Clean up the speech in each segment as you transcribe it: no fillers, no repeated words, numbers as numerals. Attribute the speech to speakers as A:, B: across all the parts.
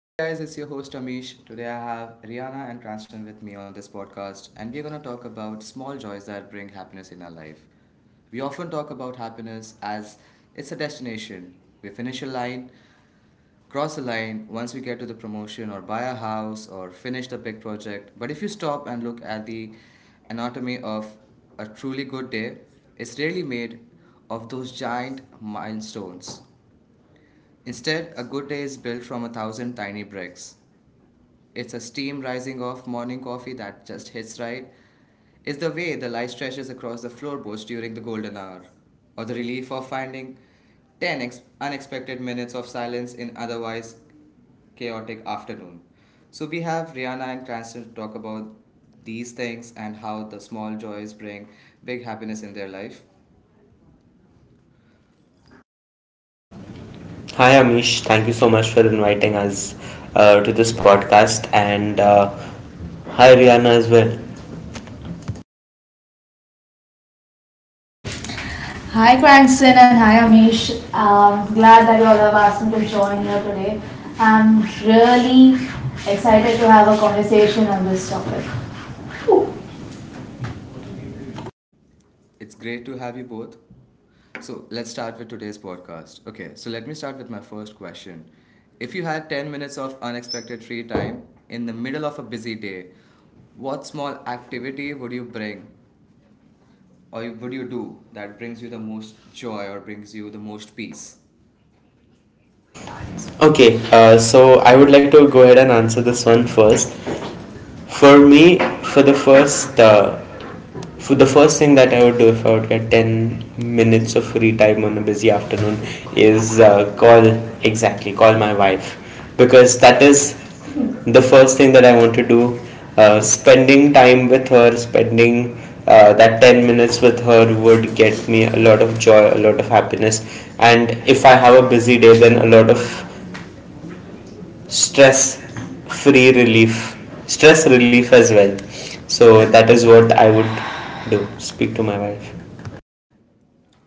A: Hi guys, it's your host Amish. Today I have Rihanna and Cranston with me on this podcast, and we're gonna talk about small joys that bring happiness in our life. We often talk about happiness as it's a destination. We finish a line, cross a line once we get to the promotion, or buy a house, or finish the big project. But if you stop and look at the anatomy of a truly good day, it's really made of those giant milestones. Instead, a good day is built from a thousand tiny bricks. It's a steam rising off morning coffee that just hits right. It's the way the light stretches across the floorboards during the golden hour, or the relief of finding 10 unexpected minutes of silence in otherwise chaotic afternoon. So we have Rihanna and Cranston to talk about these things and how the small joys bring big happiness in their life.
B: Hi Amish, thank you so much for inviting us to this podcast, and hi Rihanna as well.
C: Hi Cranston and hi Amish. Glad that you all have asked me to join here today. I'm really excited to have a conversation on this topic.
A: It's great to have you both. So let's start with today's podcast. Okay, so let me start with my first question. If you had 10 minutes of unexpected free time in the middle of a busy day, what small activity would you bring would you do that brings you the most joy or brings you the most peace?
B: Okay, so I would like to go ahead and answer this one first. For
A: For
B: me, for the first, uh, for the first thing that I would do if I would get 10 minutes of free time on a busy afternoon is call my wife because that is the first thing that I want to do.
A: spending
B: Spending time with her,
A: the
B: spending that 10 minutes with her would get me a lot of joy, a lot of happiness. And if I have a busy day, then a lot of stress free relief, stress relief as well. So that is what I would do. Speak to my wife.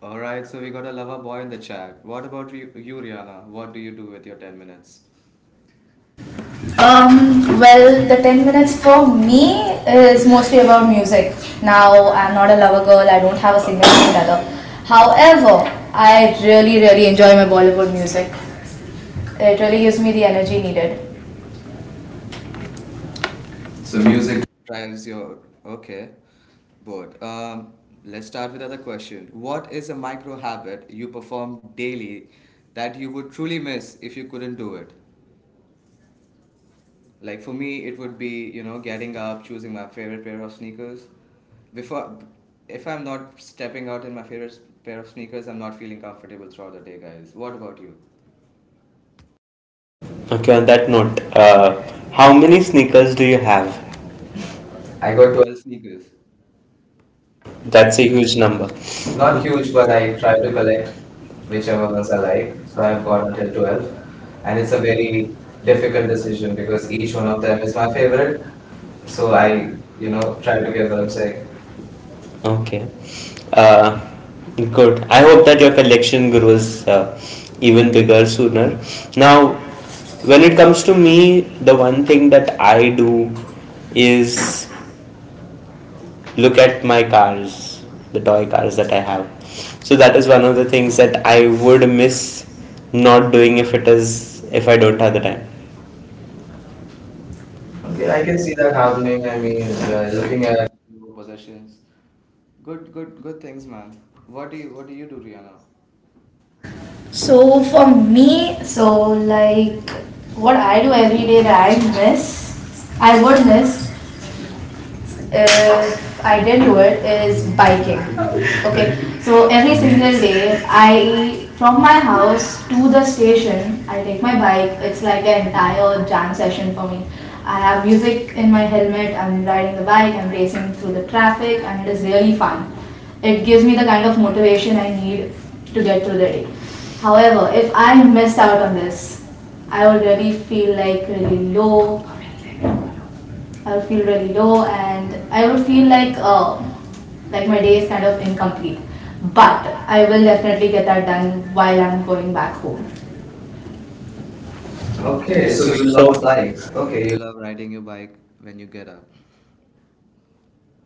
A: alright, so we got a lover boy in the chat. What about you, Rihanna? What do you do with your 10 minutes?
C: Well, the 10 minutes for me is mostly about music. Now, I'm not a lover girl, I don't have a significant other. However, I really enjoy my Bollywood music. It really gives me the energy needed. So
A: So music
C: music
A: drives your okay, but let's start with other question. What is a micro habit you perform daily that you would truly miss if you couldn't do it? Like for me, it would be you know getting up, choosing my favorite pair of sneakers. Before, if I'm not stepping out in my favorite pair of sneakers, I'm not feeling comfortable throughout the day, guys. What about you?
B: Okay, on that note, how many sneakers do you have? I
A: I got
B: got
A: 12 sneakers.
B: That's a
A: That's it.
B: huge number.
A: Not
B: Not huge,
A: huge,
B: but
A: but
B: I
A: I
B: try
A: try
B: to
A: to
B: collect
A: collect
B: whichever
A: whichever
B: ones
A: ones
B: I
A: I like.
B: like. So
A: So
B: I've
A: I've got
B: got
A: until
B: until 12,
A: 12. And
B: and it's
A: it's a
B: a
A: very difficult
B: decision
A: decision because
B: because each
A: each
B: one
A: one
B: of
A: of
B: them
A: them
B: is
A: is my
B: my
A: favorite.
B: favorite. So
A: So I,
B: I,
A: you know,
B: try
A: try to
B: to give
A: give
B: them
A: them say,
B: say. Okay. Uh, Good. I hope that your collection grows even bigger sooner. Now, when it comes to me, the one thing that I do is look at my cars, the toy cars that I have. So that is one of the things that I would miss not doing if it is if I don't have the time.
A: okay,
B: Okay,
A: I
B: I can
A: can
B: see
A: see that
B: that
A: happening.
B: happening.
A: I
B: I mean,
A: mean,
B: you looking
A: looking at
B: at.
A: your possessions, good, good, good things, man. What do you do, Rihanna?
C: So for me, like what I do every day that I miss, I would miss if I didn't do it is biking. Okay, so every single day I from my house to the station I take my bike. It's like an entire jam session for me. I have music in my helmet. I'm riding the bike. I'm racing through the traffic, and it is really fun. It gives me the kind of motivation I need to get through the day. However, if I missed out on this, I would really feel like really low I would feel really low and I would feel like my day is kind of incomplete. But I will definitely get that done while I'm going back home.
A: Okay,
C: Okay,
B: Okay,
A: so
C: so
A: you
B: you
A: love
B: love. So
A: bikes.
B: love.
A: Okay,
B: Okay,
A: you love riding your bike when you get up,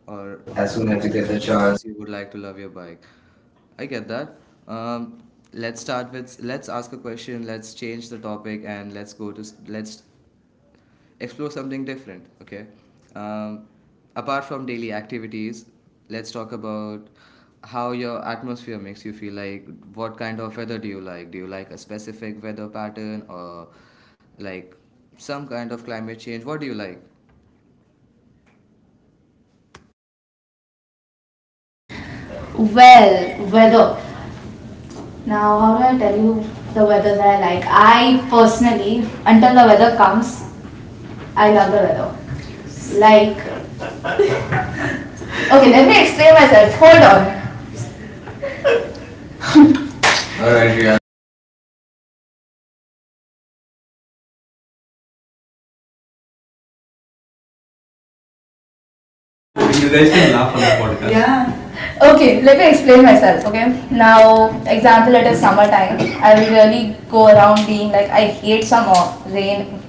A: or as soon as you
B: to
A: get
B: get
A: the
B: the chance.
A: chance, you would like to love your bike. I get that. Um, let's start with let's ask a question. Let's change the topic and let's go let's explore something different. Okay. Um, apart from daily activities, let's talk about how your atmosphere makes you feel. Like, what kind of weather do you like? Do you like a specific weather pattern or like some kind of climate change? What do you like?
C: well, weather. Now, how do I tell you the weather that I like? I personally, until the weather comes, I love the weather. Like, okay, let me explain myself. Hold on. Alright, Riya. You guys can laugh on the podcast. Yeah. Okay, let me explain myself. Okay, now example, it is summertime. I will really go around being like, I hate summer. Rain,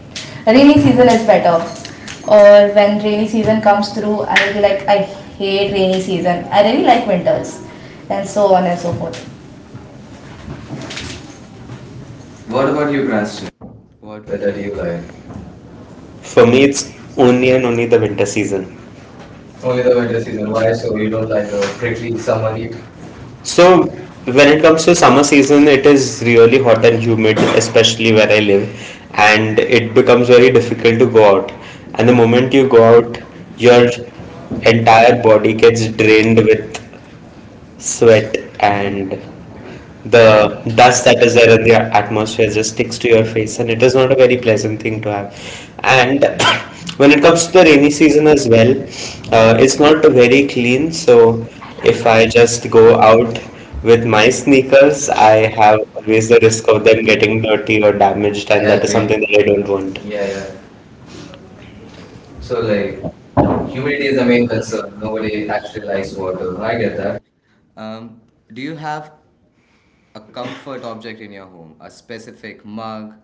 C: Rainy season is better. Or when rainy season comes through, I will be like, I hate rainy season. I really like winters, and so on and so forth. What
A: What about
C: about you,
A: you,
C: Gracia?
A: Grasshopper?
B: What
A: What
B: better
A: weather
B: do
A: do
B: you
A: you
B: like?
A: like?
B: For
A: For
B: me,
A: me,
B: it's
A: it's
B: only
A: only
B: and only
A: the
B: the winter
A: season.
B: season. Only
A: Only the
B: the
A: winter
B: winter season.
A: season.
B: Why?
A: Why? So
B: So
A: you
B: you don't
A: don't
B: like
A: like
B: the
A: the
B: prickly
A: prickly summer
B: summer heat?
A: heat? So
B: So when
A: when
B: it
A: it comes
B: comes to
A: to summer,
B: summer season, it is really hot and humid, especially where I live, and it becomes very difficult to go out. And the
A: when
B: moment
A: you
B: you go
A: go out,
B: out,
A: your
B: your
A: entire
B: entire body
A: body gets
B: gets drained
A: drained,
B: with
A: sweat,
B: sweat,
A: and yeah,
B: and
A: the yeah,
B: the dust
A: dust.
B: that is there in the atmosphere just sticks to your face, and it is not a very pleasant thing to have.
A: And
B: And when
A: when
B: it
A: it
B: comes
A: comes
B: to
A: to
B: the rainy
A: rain,
B: season as well,
A: season, it's
B: it's not very
A: me.
B: clean. So
A: So
B: if
A: if I
B: I just go
A: go out
B: out
A: with
B: with my
A: my
B: sneakers, I have always
A: laser,
B: the
A: or
B: risk of them
A: something like
B: getting dirty or damaged, and
A: I
B: that is. Exactly.
A: agree.
B: Something that I don't want.
A: Yeah,
B: Yeah,
A: yeah.
B: yeah.
A: So
B: So
A: like
B: like
A: humidity
B: humidity
A: is
B: is
A: the
B: the
A: main
B: main concern
A: concern. Nobody actually
B: in
A: likes
B: ice water.
A: water. I get that. Um, do you have a comfort object in your home? A specific mug,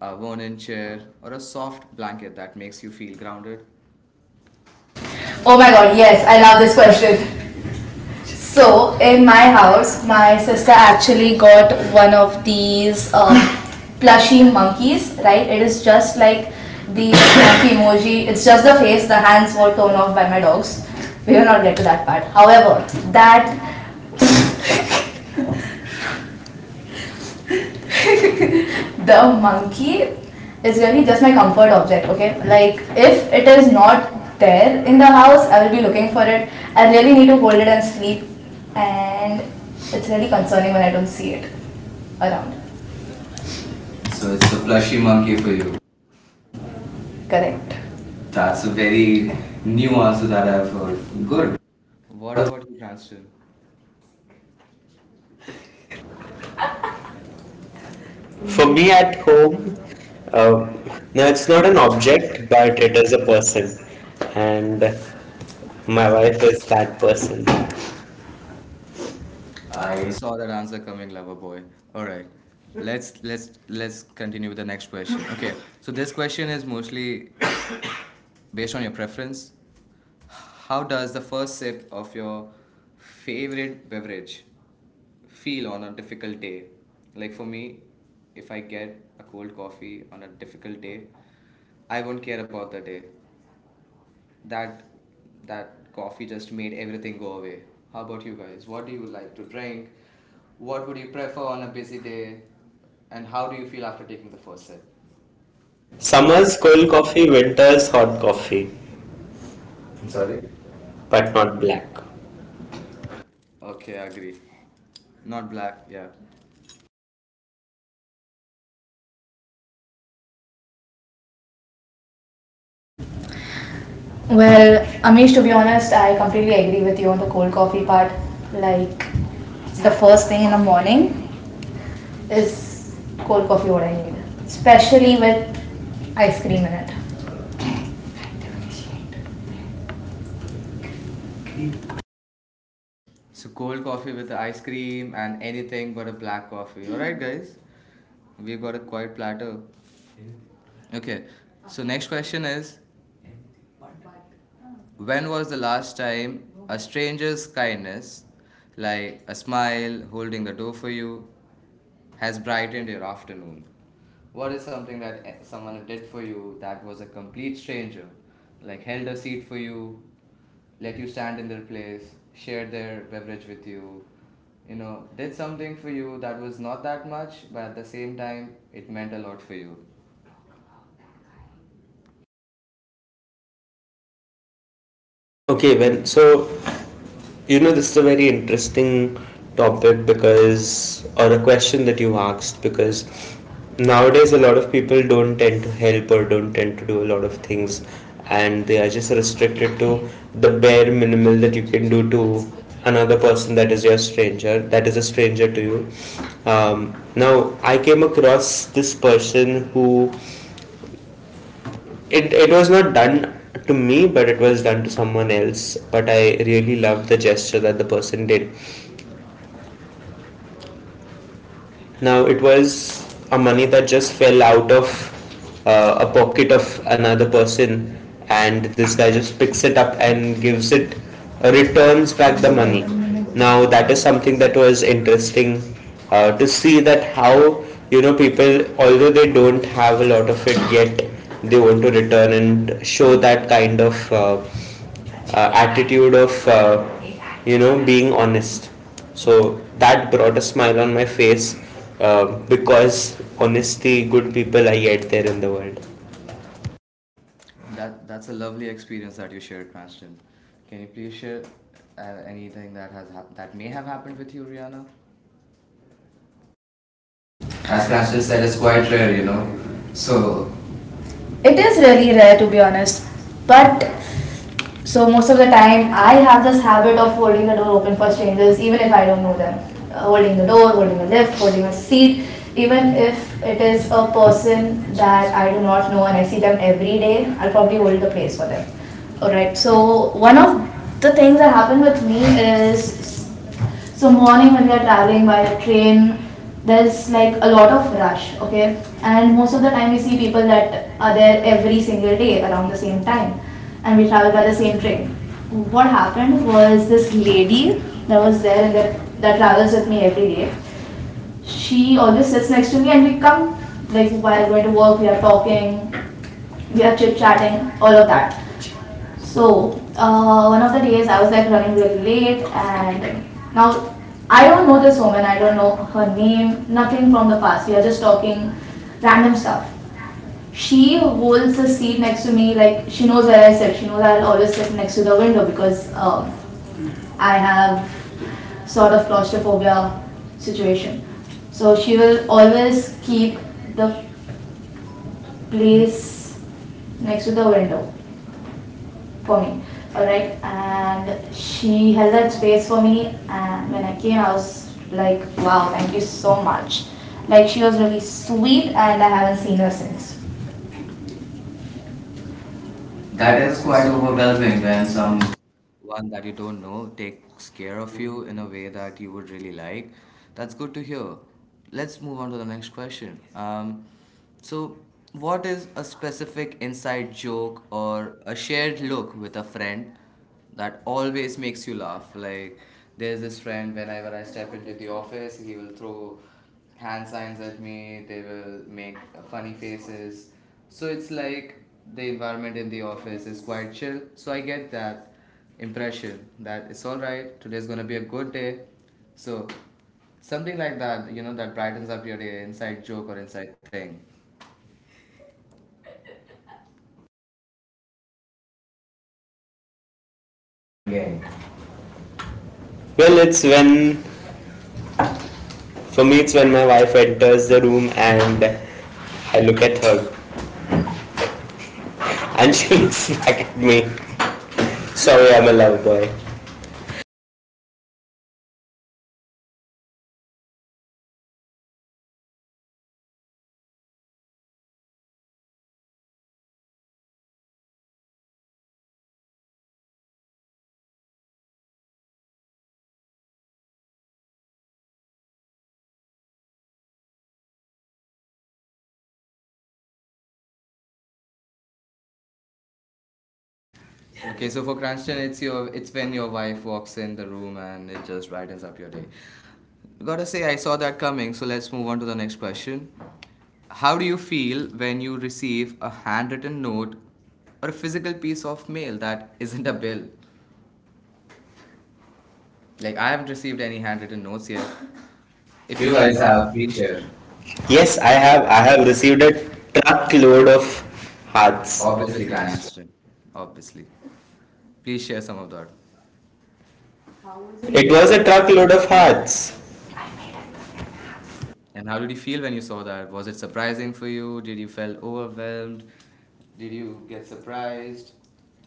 A: a worn-in chair, or a soft blanket that makes you feel grounded?
C: Oh my god, yes, I love this question. So in my house, my sister actually got one of these plushy monkeys. Right? It is just like the monkey emoji. It's just the face. The hands were torn off by my dogs. We will not get to that part. However, that the monkey is really just my comfort object. Okay, like if it is not there in the house, I will be looking for it. I really need to hold it and sleep, and it's really concerning when I don't see it around.
A: So
C: So it's
A: it's a
C: the plushy monkey
A: monkey
C: for
A: for
C: you.
A: you.
C: Correct.
A: That's
C: That's
A: a
C: a
A: very
C: very
A: new
C: new answer
A: answer that
C: that
A: I've
C: I've heard.
A: heard.
C: Good.
A: Good.
C: What
A: What
C: about
A: about you, Cranston?
B: For
A: For me
B: me
A: at
B: at
A: home,
B: home,
A: Uh,
B: um, no,
A: now
B: it's
A: it's
B: not
A: not
B: an
A: an object,
B: object, but
A: but it
B: it is
A: is a
B: a
A: person,
B: person,
A: and
B: and
A: my
B: my
A: wife
B: wife is that
A: is
B: person.
A: that person. I
B: I
A: saw that answer coming, lover boy. All right, let's continue with the next question. Okay, so this question is mostly based on your preference. How does the first sip of your favorite beverage feel on a difficult day? Like for me, if I get a cold coffee on a difficult day, I won't care about the day that that coffee just made everything go away. How about you guys? What do you like to drink? What would you prefer on a busy day? And how do you feel after taking the first sip?
B: Summer's
A: Someone's
B: cold
A: cold
B: coffee,
A: coffee with
B: winter's hot coffee,
A: I'm sorry,
B: sorry, but
A: but not
B: not black.
A: okay, I agree. Not black, yeah.
C: well, Amish, to be honest, I completely agree with you on the cold coffee part. Like the first thing in the morning is cold coffee what I need, especially with ice cream in it.
A: So cold coffee with ice cream and anything but a black coffee. All right, guys. We've got a quiet platter. Okay. So next question is when was the last time a stranger's kindness, like a smile, holding the door for you, has brightened your afternoon? What is something that someone did for you that was a complete stranger, like held a seat for you, let you stand in their place, shared their beverage with you, you know, did something for you that was not that much, but at the same time, it meant a lot for you.
B: Okay, well, so this is a very interesting topic because, or a question that you asked, because nowadays a lot of people don't tend to help or don't tend to do a lot of things, and they are just restricted to the bare minimal that you can do to another person that is your stranger, that is a stranger to you. Now, I came across this person who it was not done to me, but it was done to someone else, but I really loved the gesture that the person did. Now it was a money that just fell out of a pocket of another person, and this guy just picks it up and gives it returns back the money. Now that is something that was interesting to see that how people, although they don't have a lot of it, yet they want to return and show that kind of attitude of being honest. So that brought a smile on my face, because honesty, good people are yet there in the world.
A: That that's a lovely experience that you shared, Cranston. Can you please share uh, anything that has happened that may have happened with you, Rihanna?
C: As
A: As
C: Prashna
A: Cranston
C: said,
A: said,
C: it's
A: it's quite
C: quite
A: rare,
C: rare, you
A: you
C: know.
A: know. So
C: So it is really rare to be honest, but so most of the time I have this habit of holding the door open for strangers even if I don't know them. Holding the door, holding a lift, holding a seat, even if it is a person that I do not know and I see them every day, I'll probably hold the place for them. All right so one of the things that happened with me is so morning when we are traveling by the train, there's like a lot of rush, okay? And most of the time we see people that are there every single day around the same time, and we travel by the same train. What happened was this lady that was there and that travels with me every day. She always sits next to me, and we come like while going to work, we are talking, we are chit chatting, all of that. So one of the days I was like running really late, and now I don't know this woman. I don't know her name. Nothing from the past. We are just talking random stuff. She holds the seat next to me. Like she knows where I sit. She knows I'll always sit next to the window because I have sort of claustrophobia situation. So she will always keep the place next to the window for me. Alright, and she held that space for me. And when I came, I was like, wow, thank you so much. Like, she was really sweet, and I haven't seen her since. That
A: that
C: is
A: is
C: quite
A: quite
C: overwhelming
A: overwhelming
C: when
A: when
C: some
A: someone that you don't know takes care of you in a way that you would really like. That's good to hear. Let's move on to the next question. So, what is a specific inside joke or a shared look with a friend that always makes you laugh? Like there's this friend whenever I step into the office, he will throw hand signs at me. They will make funny faces. So it's like the environment in the office is quite chill. So I get that impression that it's all right. Today's gonna be a good day. So something like that, you know, that brightens up your day, inside joke or inside thing.
B: Well it's when for me it's when my wife enters the room and I look at her, and she looks back at me. Sorry, I'm a love boy.
A: Okay, so for Cranston, it's when your wife walks in the room and it just brightens up your day. Gotta say, I saw that coming. So let's move on to the next question. How do you feel when you receive a handwritten note or a physical piece of mail that isn't a bill? Like I haven't received any handwritten notes yet. If you guys have, please share.
B: Yes,
A: Yes,
B: i
A: I
B: have
A: have.
B: i
A: I
B: have
A: have
B: received a
A: received a draft
B: truckload
A: load
B: of
A: of
B: hearts.
A: hearts.
B: Obviously,
A: Obviously,
B: Grants.
A: Cranston. Obviously, please share some of that.
B: It
A: It
B: was a
A: was a
B: truckload of
A: draft.
B: hearts.
A: And how did you feel when you saw that? Was it surprising for you? Did you feel overwhelmed? Did you get surprised?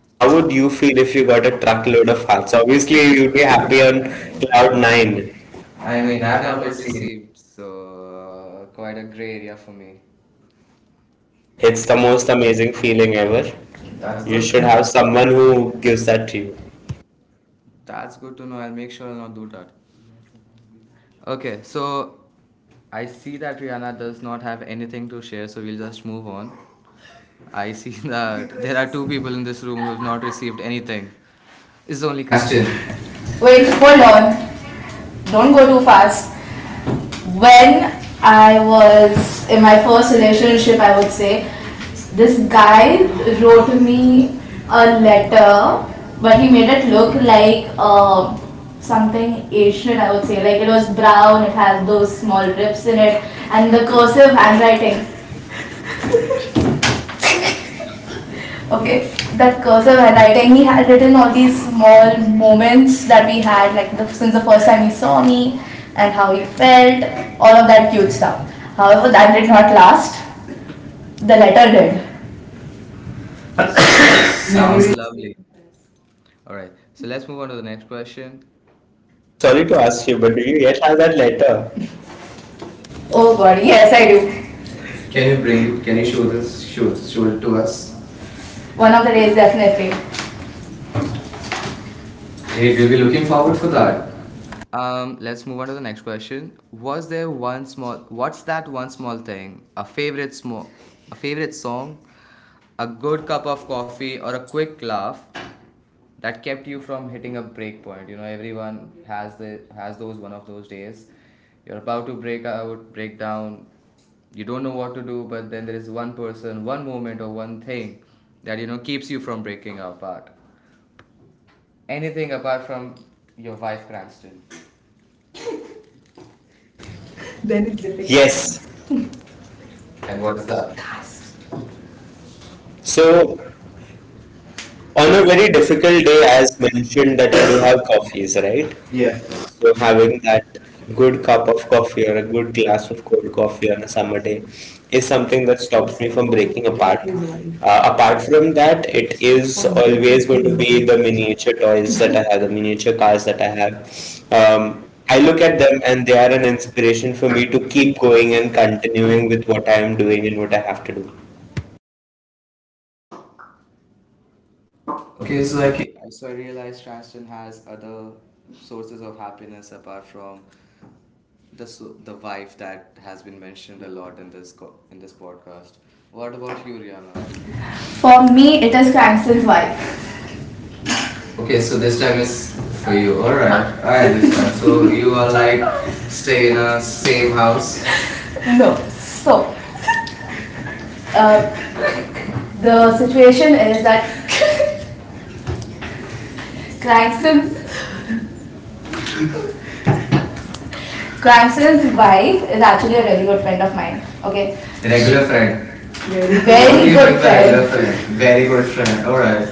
B: How
A: How
B: would
A: would
B: you
A: you
B: feel
A: feel
B: if
A: if
B: you
A: you
B: got a
A: were
B: truckload
A: happy with
B: of
A: a
B: hearts?
A: fact?
B: Obviously,
A: Obviously, you
B: you'd
A: will
B: be
A: be
B: happy on
A: happier
B: cloud
A: without the name.
B: nine. I
A: I
B: mean,
A: mean,
B: I've
A: I've
B: not
A: not
B: received.
A: received, so quite a gray area for me.
B: It's the
A: It's the
B: most
A: most
B: amazing
A: amazing
B: feeling
A: feeling.
B: ever. That's
A: That's you
B: You
A: good you to
B: should
A: should know.
B: have
A: Have
B: someone
A: someone who
B: who gives
A: gives that
B: that to
A: to
B: you.
A: you. That's good to know. I'll make sure I'll not do that. Okay, so I see that Rihanna does not have anything to share, so we'll just move on. I see that there are two people in this room who have not received anything. It's only
C: crashed in.
A: Cranston.
C: Wait, hold on. Don't go too fast. When I was in my first relationship, I would say, this guy wrote me a letter, but he made it look like something Asian, I would say. Like it was brown, it had those small rips in it, and the cursive handwriting. Okay, that cursive handwriting, he had written all these small moments that we had, since the first time he saw me and how he felt, all of that cute stuff. However, that did not last. The letterhead.
A: Sounds
C: Sounds.
A: lovely. All right, so let's move on to the next question.
B: Sorry to
A: Can
B: ask you, but do you yet have that letter?
C: Oh god, yes I do. Can
A: you
C: you
A: bring?
C: bring?
A: Can
C: Can you
A: you
C: show
A: show this,
C: this? Show,
A: show, show
C: show it
A: it to
C: to
A: us?
C: us. One of the days definitely.
A: Great,
C: Hey,
A: we'll
C: we'll
A: be
C: be
A: looking
C: looking
A: forward
C: forward
A: for
C: for
A: that.
C: that.
A: Let's move on to the next question. Was there one small? What's that one small thing? A favorite small, a favorite song, a good cup of coffee, or a quick laugh that kept you from hitting a break point? You know, everyone has those one of those days. You're about to break out, break down. You don't know what to do, but then there is one person, one moment, or one thing that you know keeps you from breaking apart. Anything apart from your wife, Cranston?
B: Then it's difficult.
A: Yes.
B: Yes.
A: And
B: And
A: what
B: what's
A: is that?
B: that? So,
A: So
B: on
A: on
B: a
A: a
B: very
A: very difficult
B: difficult day,
A: day,
B: as
A: as you
B: mentioned,
A: mentioned
B: that
A: that you
B: you
A: don't
B: have
A: have
B: coffees,
A: confidence,
B: right?
A: right? Yes.
B: So
A: So
B: having
A: having
B: that
A: a
B: good
A: good cup
B: cup of
A: of
B: coffee
A: coffee, a
B: or a good
A: good
B: glass
A: glass of
B: of cold
A: cold
B: coffee
A: coffee
B: on
A: on
B: a
A: a
B: summer
A: summer
B: day
A: day
B: is
A: is
B: something
A: something
B: that
A: that stops
B: stops me
A: you
B: from
A: from
B: breaking
A: breaking
B: apart.
A: apart.
B: Apart
A: Apart
B: from
A: from that,
B: that, it
A: it is
B: is always
A: always
B: going
A: going
B: to
A: to
B: be
A: be
B: the
A: the music
B: miniature
A: the
B: toys
A: noise
B: that
A: and
B: I have, the
A: the
B: miniature
A: nature
B: cars
A: cars
B: that
A: and
B: I have.
A: the
B: I
A: I
B: look
A: look
B: at
A: at
B: them,
A: them
B: and
A: and
B: they
A: they
B: are an
A: are
B: inspiration
A: making
B: for me
A: me
B: to
A: to
B: keep
A: keep
B: going
A: going
B: and
A: and
B: continuing
A: continuing
B: with
A: with
B: what
A: what
B: I
A: I'm
B: am
A: doing.
B: doing and what I have to do.
C: Okay.
A: Okay,
C: So
A: so
C: I can.
A: so I realized Cranston has other sources of happiness apart from the the wife that has been mentioned a lot in this in this podcast. What about you, Rihanna?
C: For me, it is Cranston's wife. Okay.
A: Okay,
C: So
A: so
C: this
A: this
C: time
A: time it's
C: is for
A: for
C: you.
A: you.
C: All
A: All
C: right.
A: right, I
C: I understand.
A: understand. So
C: So you
A: you
C: are
A: are
C: like
A: like stay
C: stay in
A: in
C: a
A: a
C: same
A: same house,
C: house. No. Uh, the situation is that Cranston Grandson's wife is actually a very good friend of mine. Okay,
A: regular
C: regular
A: friend.
C: friend.
A: What do
C: Very
A: you good
C: good friend. Regular
A: mean by regular
C: friend. Friend.
A: friend?
C: Very
A: Very
C: good
A: good friend.
C: friend.
A: All right,
C: Alright.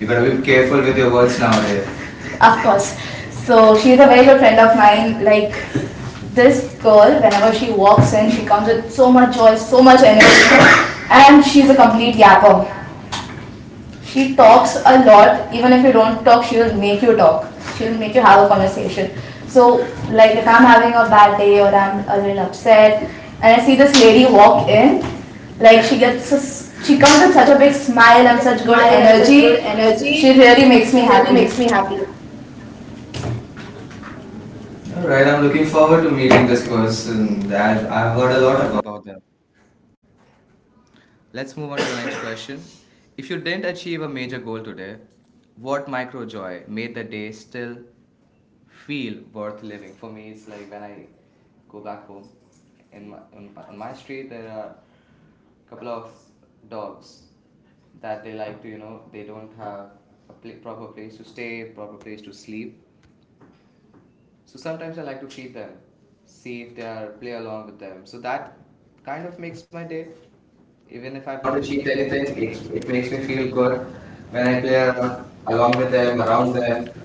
C: You
A: you gotta
C: gotta
A: be
C: be careful
A: careful
C: with
A: with
C: your
A: your
C: words
A: words nowadays.
C: nowadays. Of course. So she's a very good friend of mine. Like this girl, whenever she walks in, she comes with so much joy, so much energy, and she's a complete yapper. She talks a lot. Even if you don't talk, she will make you talk. She will make you have a conversation. So, like if I'm having a bad day or I'm a little upset, and I see this lady walk in, like she comes with
B: Such
C: such a
B: a
C: big
B: big
C: smile
B: smile
C: and
B: and
C: such
B: such
C: good
B: good
C: energy.
B: energy. She
C: She really
B: really
C: makes
B: makes
C: me
B: me happy.
C: happy.
A: All
C: Alright,
A: right,
C: I'm
A: I'm
C: looking
A: looking
C: forward to
A: forward to
C: meeting
A: meeting
C: this
A: this
C: person.
A: person. That
C: I've
A: I've
C: heard a
A: heard a
C: lot
A: lot
C: about
A: about them. Let's move on to the next question. If you didn't achieve a major goal today, what micro joy made the day still feel worth living? For me, it's like when I go back home. On my street, there are a couple of dogs that they like to, they don't have a pla proper place to stay, proper place to sleep. So sometimes I like to feed them, see if they are play along with them. So that kind of makes my day. Even if
B: I have
A: I've not
B: not achieved
A: achieved
B: anything.
A: anything, it makes me feel
B: Feel good
A: good
B: when
A: when I
B: I play
A: play around
B: around, along
A: along
B: with
A: with them,
B: them, around
A: around them.
B: them.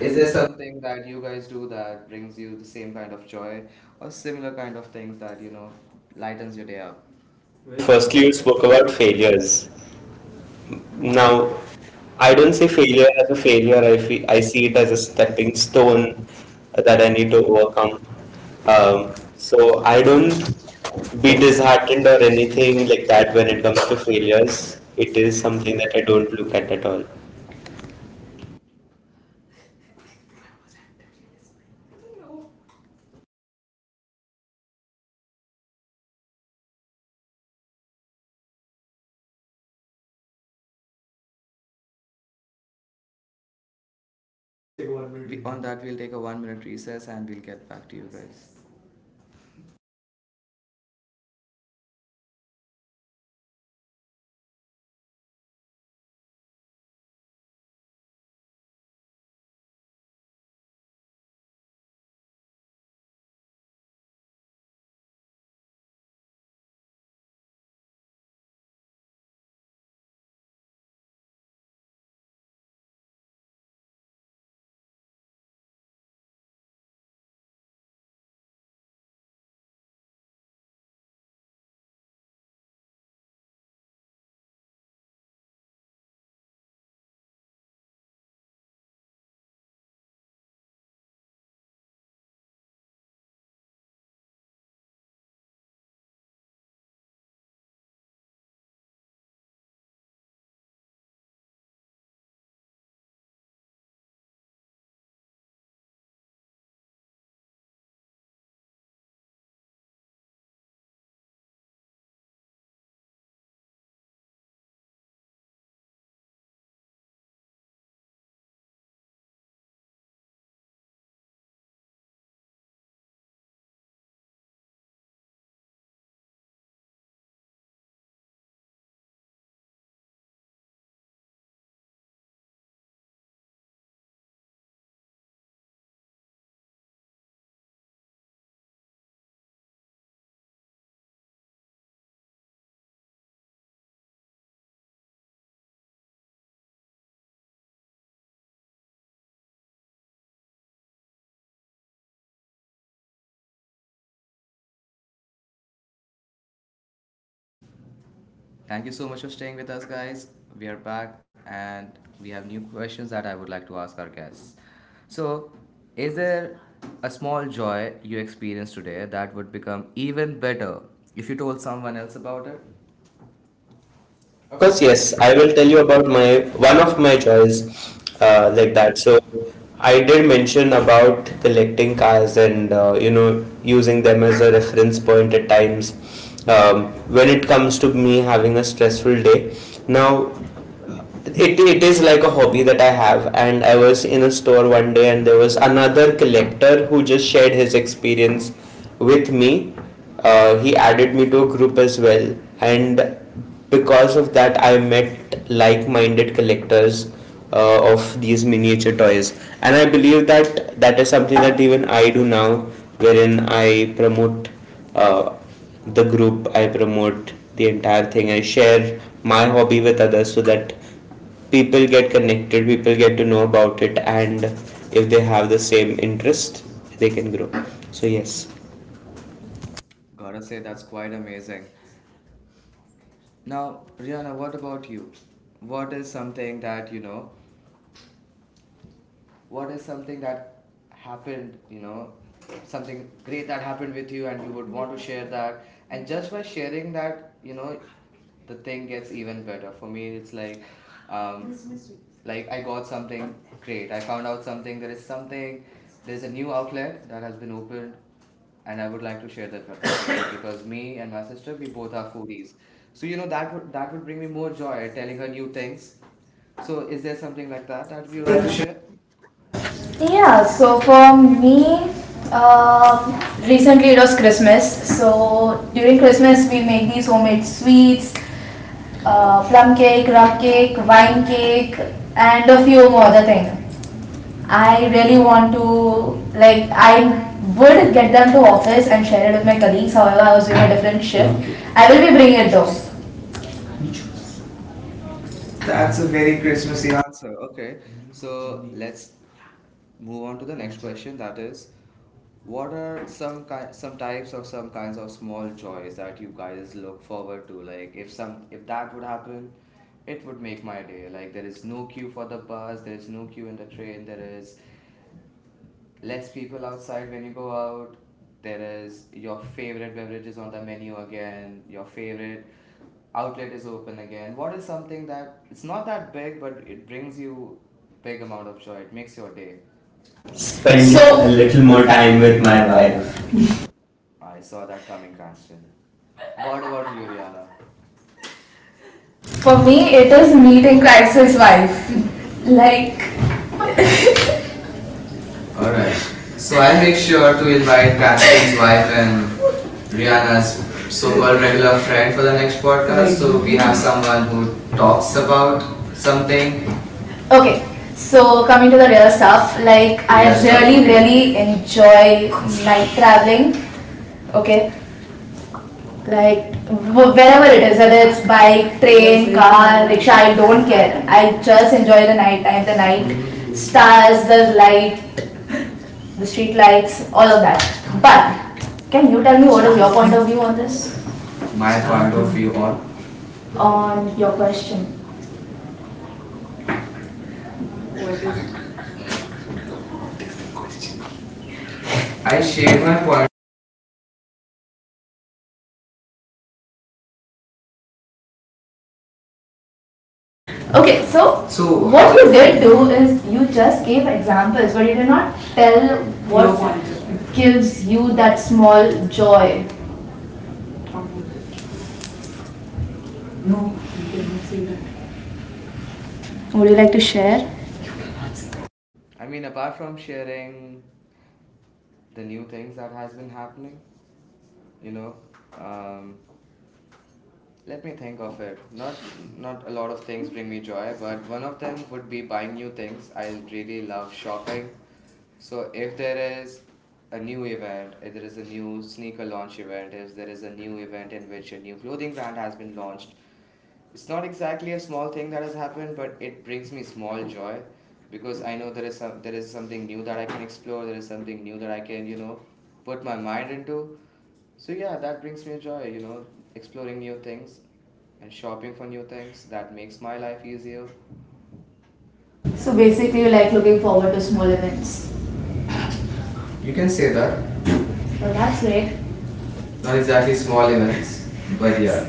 B: Is
A: Is
B: there
A: there
B: some
A: something that you guys do that brings you the same kind of joy or similar kind of things that lightens your day up?
B: Well,
A: Well,
B: firstly,
A: firstly,
B: you
A: you
B: spoke
A: spoke
B: about
A: about failures.
B: failures.
A: Now,
B: Now,
A: I
B: I don't
A: don't
B: see
A: say
B: failure
A: failure
B: as
A: as
B: a
A: a
B: failure.
A: failure. I
B: I
A: see
B: see it
A: it
B: as a
A: as
B: stepping
A: a
B: stone
A: stone that
B: that I
A: I
B: need
A: need
B: to
A: to
B: overcome.
A: um,
B: Um,
A: so
B: so
A: I
B: I don't
A: don't
B: be
A: be disheartened
B: disheartened or
A: or anything
B: anything like
A: like
B: that
A: that
B: when
A: when
B: it
A: it comes
B: comes to
A: to failures.
B: failures.
A: It
B: It is
A: is
B: something
A: something that
B: that I
A: I
B: don't
A: would look
B: look at
A: at all.
B: all.
A: Let's take a 1 minute. On that, we'll take a 1 minute recess and we'll get back to you guys. Thank you so much for staying with us, guys. We are back and we have new questions that I would like to ask our guests. So, is there a small joy you experienced today that would become even better if you told someone else about it?
B: Of
A: Of
B: course,
A: course,
B: yes.
A: yes.
B: I
A: I
B: will
A: will
B: tell you
A: tell
B: about my one
A: one
B: of
A: of
B: my
A: my
B: joys
A: days,
B: like
A: like
B: that.
A: that.
B: So I did mention about collecting cars, and using them as a reference point at times, when it comes to me having a stressful day. Now it is like a hobby that I have, and I was in a store one day, and there was another collector who just shared his experience with me. He added me to a group as well, and because of that, I met like minded collectors of these miniature toys. And I believe that that is something that even I do now, wherein I promote uh, the group, I promote the entire thing, I share my hobby with others so that people get connected, people get to know about it, and if they have the same interest, they can grow. So yes.
A: Gotta say, that's quite amazing. Now, Rihanna, what about you? What is something that, what is something that happened, something great that happened with you and you would want to share that? And just by sharing that, the thing gets even better. For me, it's um, like I got something great. I found out something. There's a new outlet that has been opened and I would like to share that with my sister, because me and my sister we both are foodies. So you know that would bring me more joy telling her new things. So is there something like that that we would like to share?
C: yeah, so for me, um recently it was Christmas. So during Christmas, we make these homemade sweets, plum cake, rum cake, wine cake, and a few more other things. I really want to, I would get them to office and share it with my colleagues. However, I was doing a different shift. Okay. I will be bringing it though. That's
A: That's a
C: a
A: very
C: very Christmassy
A: Christmassy
C: answer.
A: answer. Okay, so let's move on to the next question. That is, what are some kinds of small joys that you guys look forward to? Like if that would happen, it would make my day. Like there is no queue for the bus, there is no queue in the train, there is less people outside when you go out. There is your favorite beverages on the menu again. Your favorite outlet is open again. What is something that it's not that big, but it brings you big amount of joy. It makes your day. Spend
B: Spending a
A: more
B: little
C: So
B: more time
A: time.
B: with my wife.
A: I saw that coming, Cranston. What about you, Rihanna?
C: for me, it is meeting Christ's wife. Like
A: All
C: alright.
A: right. So
C: So
A: I'll
C: I'll make
A: make
C: sure
A: sure to
C: to invite
A: invite Cranston
C: Patrick's
A: to
C: wife
A: Alpha
C: and Rihanna's
A: Rihanna's so-called
C: so-called
A: regular
C: regular
A: friend
C: friend for
A: for
C: the
A: the
C: next
A: next
C: podcast.
A: podcast.
C: So
A: So
C: we
A: we
C: have
A: have someone
C: someone
A: who
C: who talks
A: talks
C: about
A: about something.
C: something. Okay, so coming to the real stuff, like I Real really, okay. Really enjoy night traveling. Okay, like wherever it is, whether it's bike, train, car, rickshaw, I don't care. I just enjoy the night time, the night stars, the light, the street lights, all of that. But can you tell me what is your point of view on this? My
A: My point
C: point
A: of
C: of
A: view
C: view
A: on.
C: on. On your question. I shared my point. Okay, so so what you did do is you just gave examples, but you did not tell what gives you that small joy. Would you like to share?
A: I mean, apart from sharing the new things that has been happening, you know, um, let me think of it. Not a lot of things bring me joy, but one of them would be buying new things. I really love shopping. So if there is a new event, if there is a new sneaker launch event, if there is a new event in which a new clothing brand has been launched, it's not exactly a small thing that has happened, but it brings me small joy because I know there is something new that I can explore, there is something new that I can, put my mind into. So yeah, that brings me joy, exploring new things and shopping for new things. That makes my life easier.
C: So basically, you like looking forward to small events.
A: You
C: You can
A: can say
C: say that.
A: that.
C: Well, that's great. Not
A: Not
C: exactly
A: exactly
C: small
A: small events,
C: events,
A: but
C: but
A: yeah.
C: yeah.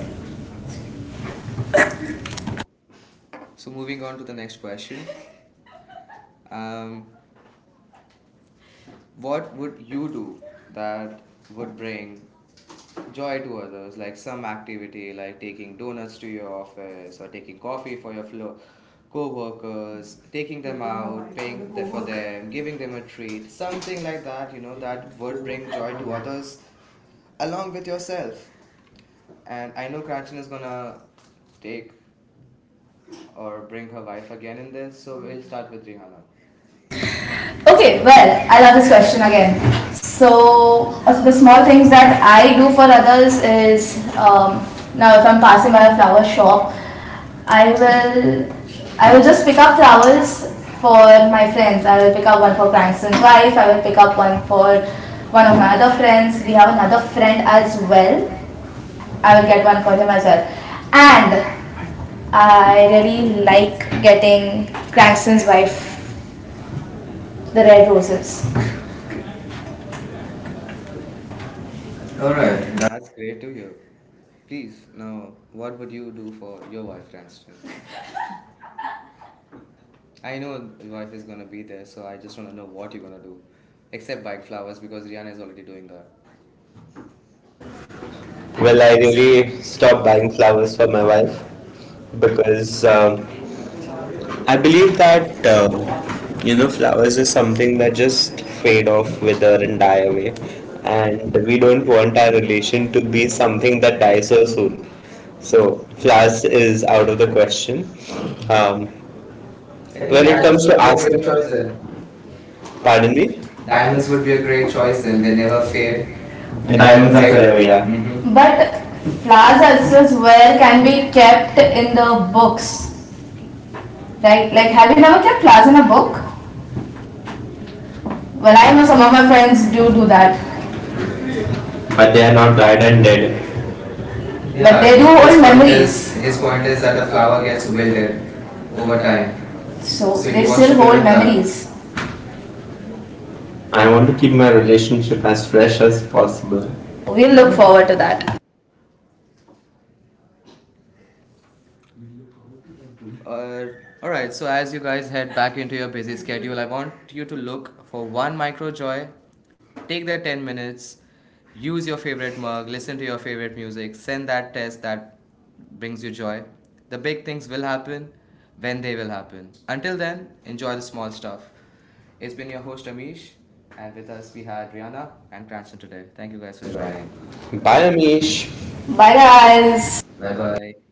A: So moving on to the next question. Um, What would you do that would bring joy to others? Like some activity, like taking donuts to your office or taking coffee for your co-workers, taking them out, for them, giving them a treat, something like that. You know that would bring joy to others, along with yourself. And I know Kanchan is gonna take or bring her wife again in this, so we'll start with Rihanna.
C: Okay, well, I love this question again. So, the small things that I do for others is now if I'm passing by a flower shop, I will I will just pick up flowers for my friends. I will pick up one for Cranston's wife. I will pick up one for one of my other friends. We have another friend as well. I will get one for him as well. And I really like getting Cranston's wife the red roses.
A: All right,
C: Alright.
A: that's great to hear. Please, now, what would you do for your wife, Cranston? I know the wife is gonna be there, so I just wanna know what you're gonna do, except buying flowers because Rihanna is already doing that.
B: Well,
A: Well,
B: I
A: I need
B: really
A: to
B: stopped
A: stop
B: buying
A: buying
B: flowers
A: flowers
B: for my
A: for my
B: wife
A: wife
B: because
A: because
B: I
A: I
B: believe
A: believe that
B: that
A: um, you know flowers
B: flowers is
A: is
B: something
A: something
B: that
A: that is
B: just fade
A: paid off
B: off,
A: with
B: wither,
A: an
B: and die away,
A: ad,
B: and
A: and
B: we
A: we
B: don't
A: don't
B: want our relation
A: need
B: to
A: to
B: be
A: be
B: something
A: something that
B: that dies
A: dies
B: so
A: off.
B: soon.
A: So
B: So
A: flowers
B: flowers
A: is
B: is
A: out
B: out
A: of
B: of
A: the
B: the
A: question.
B: question.
A: Um,
B: Um,
A: I
B: I
A: think. Well, it
B: when think it
A: Diamonds was
B: comes diamonds to
A: would
B: are
A: be a fast.
B: asking,
A: Great fast.
B: good
A: Choice
B: choice
A: then.
B: then. Pardon
A: Pardon.
B: me, diamond
A: Diamonds
C: Diamonds
A: would
C: would
A: be
C: be
A: a
C: a
A: great
C: great
A: choice
B: choice.
C: choice
A: then.
C: then.
A: They
C: They
A: never
C: never
A: fade, me?
B: Okay.
C: fade. And
A: They never.
C: diamonds
A: Diamonds
B: Diamonds
C: are
B: are
A: break. Fail,
C: forever,
B: forever,
C: yeah.
B: yeah.
C: But
B: But
C: flowers
B: flowers
C: as
B: as
C: well
B: well
C: can
B: can be.
C: be kept in the books, right? Like, have you never kept flowers in a book? Well,
B: Well,
C: I
B: I
C: know
B: know some
C: some of
B: of
C: my
B: my friends
C: friends do
B: do
C: do
B: do
C: that.
B: that.
A: but
C: But
B: But
A: they
B: they
C: they
A: are
B: are
C: are
A: not
C: now
B: not
A: right
C: dried
B: light
A: and
C: and
B: and
C: dead.
B: dead.
A: yeah,
C: Yeah, but
A: I
C: they do
A: mean
C: hold his
A: his
C: point
A: point is
C: memories. His point is
A: that
C: that
A: the
C: the
A: flower
C: flower
A: gets
C: gets
A: wilted
C: wilted
A: over
C: over
A: time.
C: time. So,
A: So
C: So
A: he
C: they
A: wants to
C: still hold
A: prevent
C: keep them.
A: that.
C: Memories. Down.
A: I
C: I
B: I want
C: want
A: only
B: to
C: to
B: keep
C: keep
A: keep my
B: my
C: my
A: relationship
C: relationship
B: relationship
A: as
B: as
C: as
B: fresh
C: fresh
A: precious.
B: as
C: as
B: possible.
C: possible. We'll look forward to that.
A: Uh, all right, so as you guys head back into your busy schedule, I want you to look for one micro joy. Take the 10 minutes, use your favorite mug, listen to your favorite music, send that test that brings you joy. The big things will happen when they will happen. Until then, enjoy the small stuff. It's been your host Amish, and with us we had Rihanna and Cranston today. Thank you guys for joining.
B: Bye,
A: Bye.
B: Amish.
C: Bye
B: Bye,
C: guys.
B: guys.
A: Bye bye.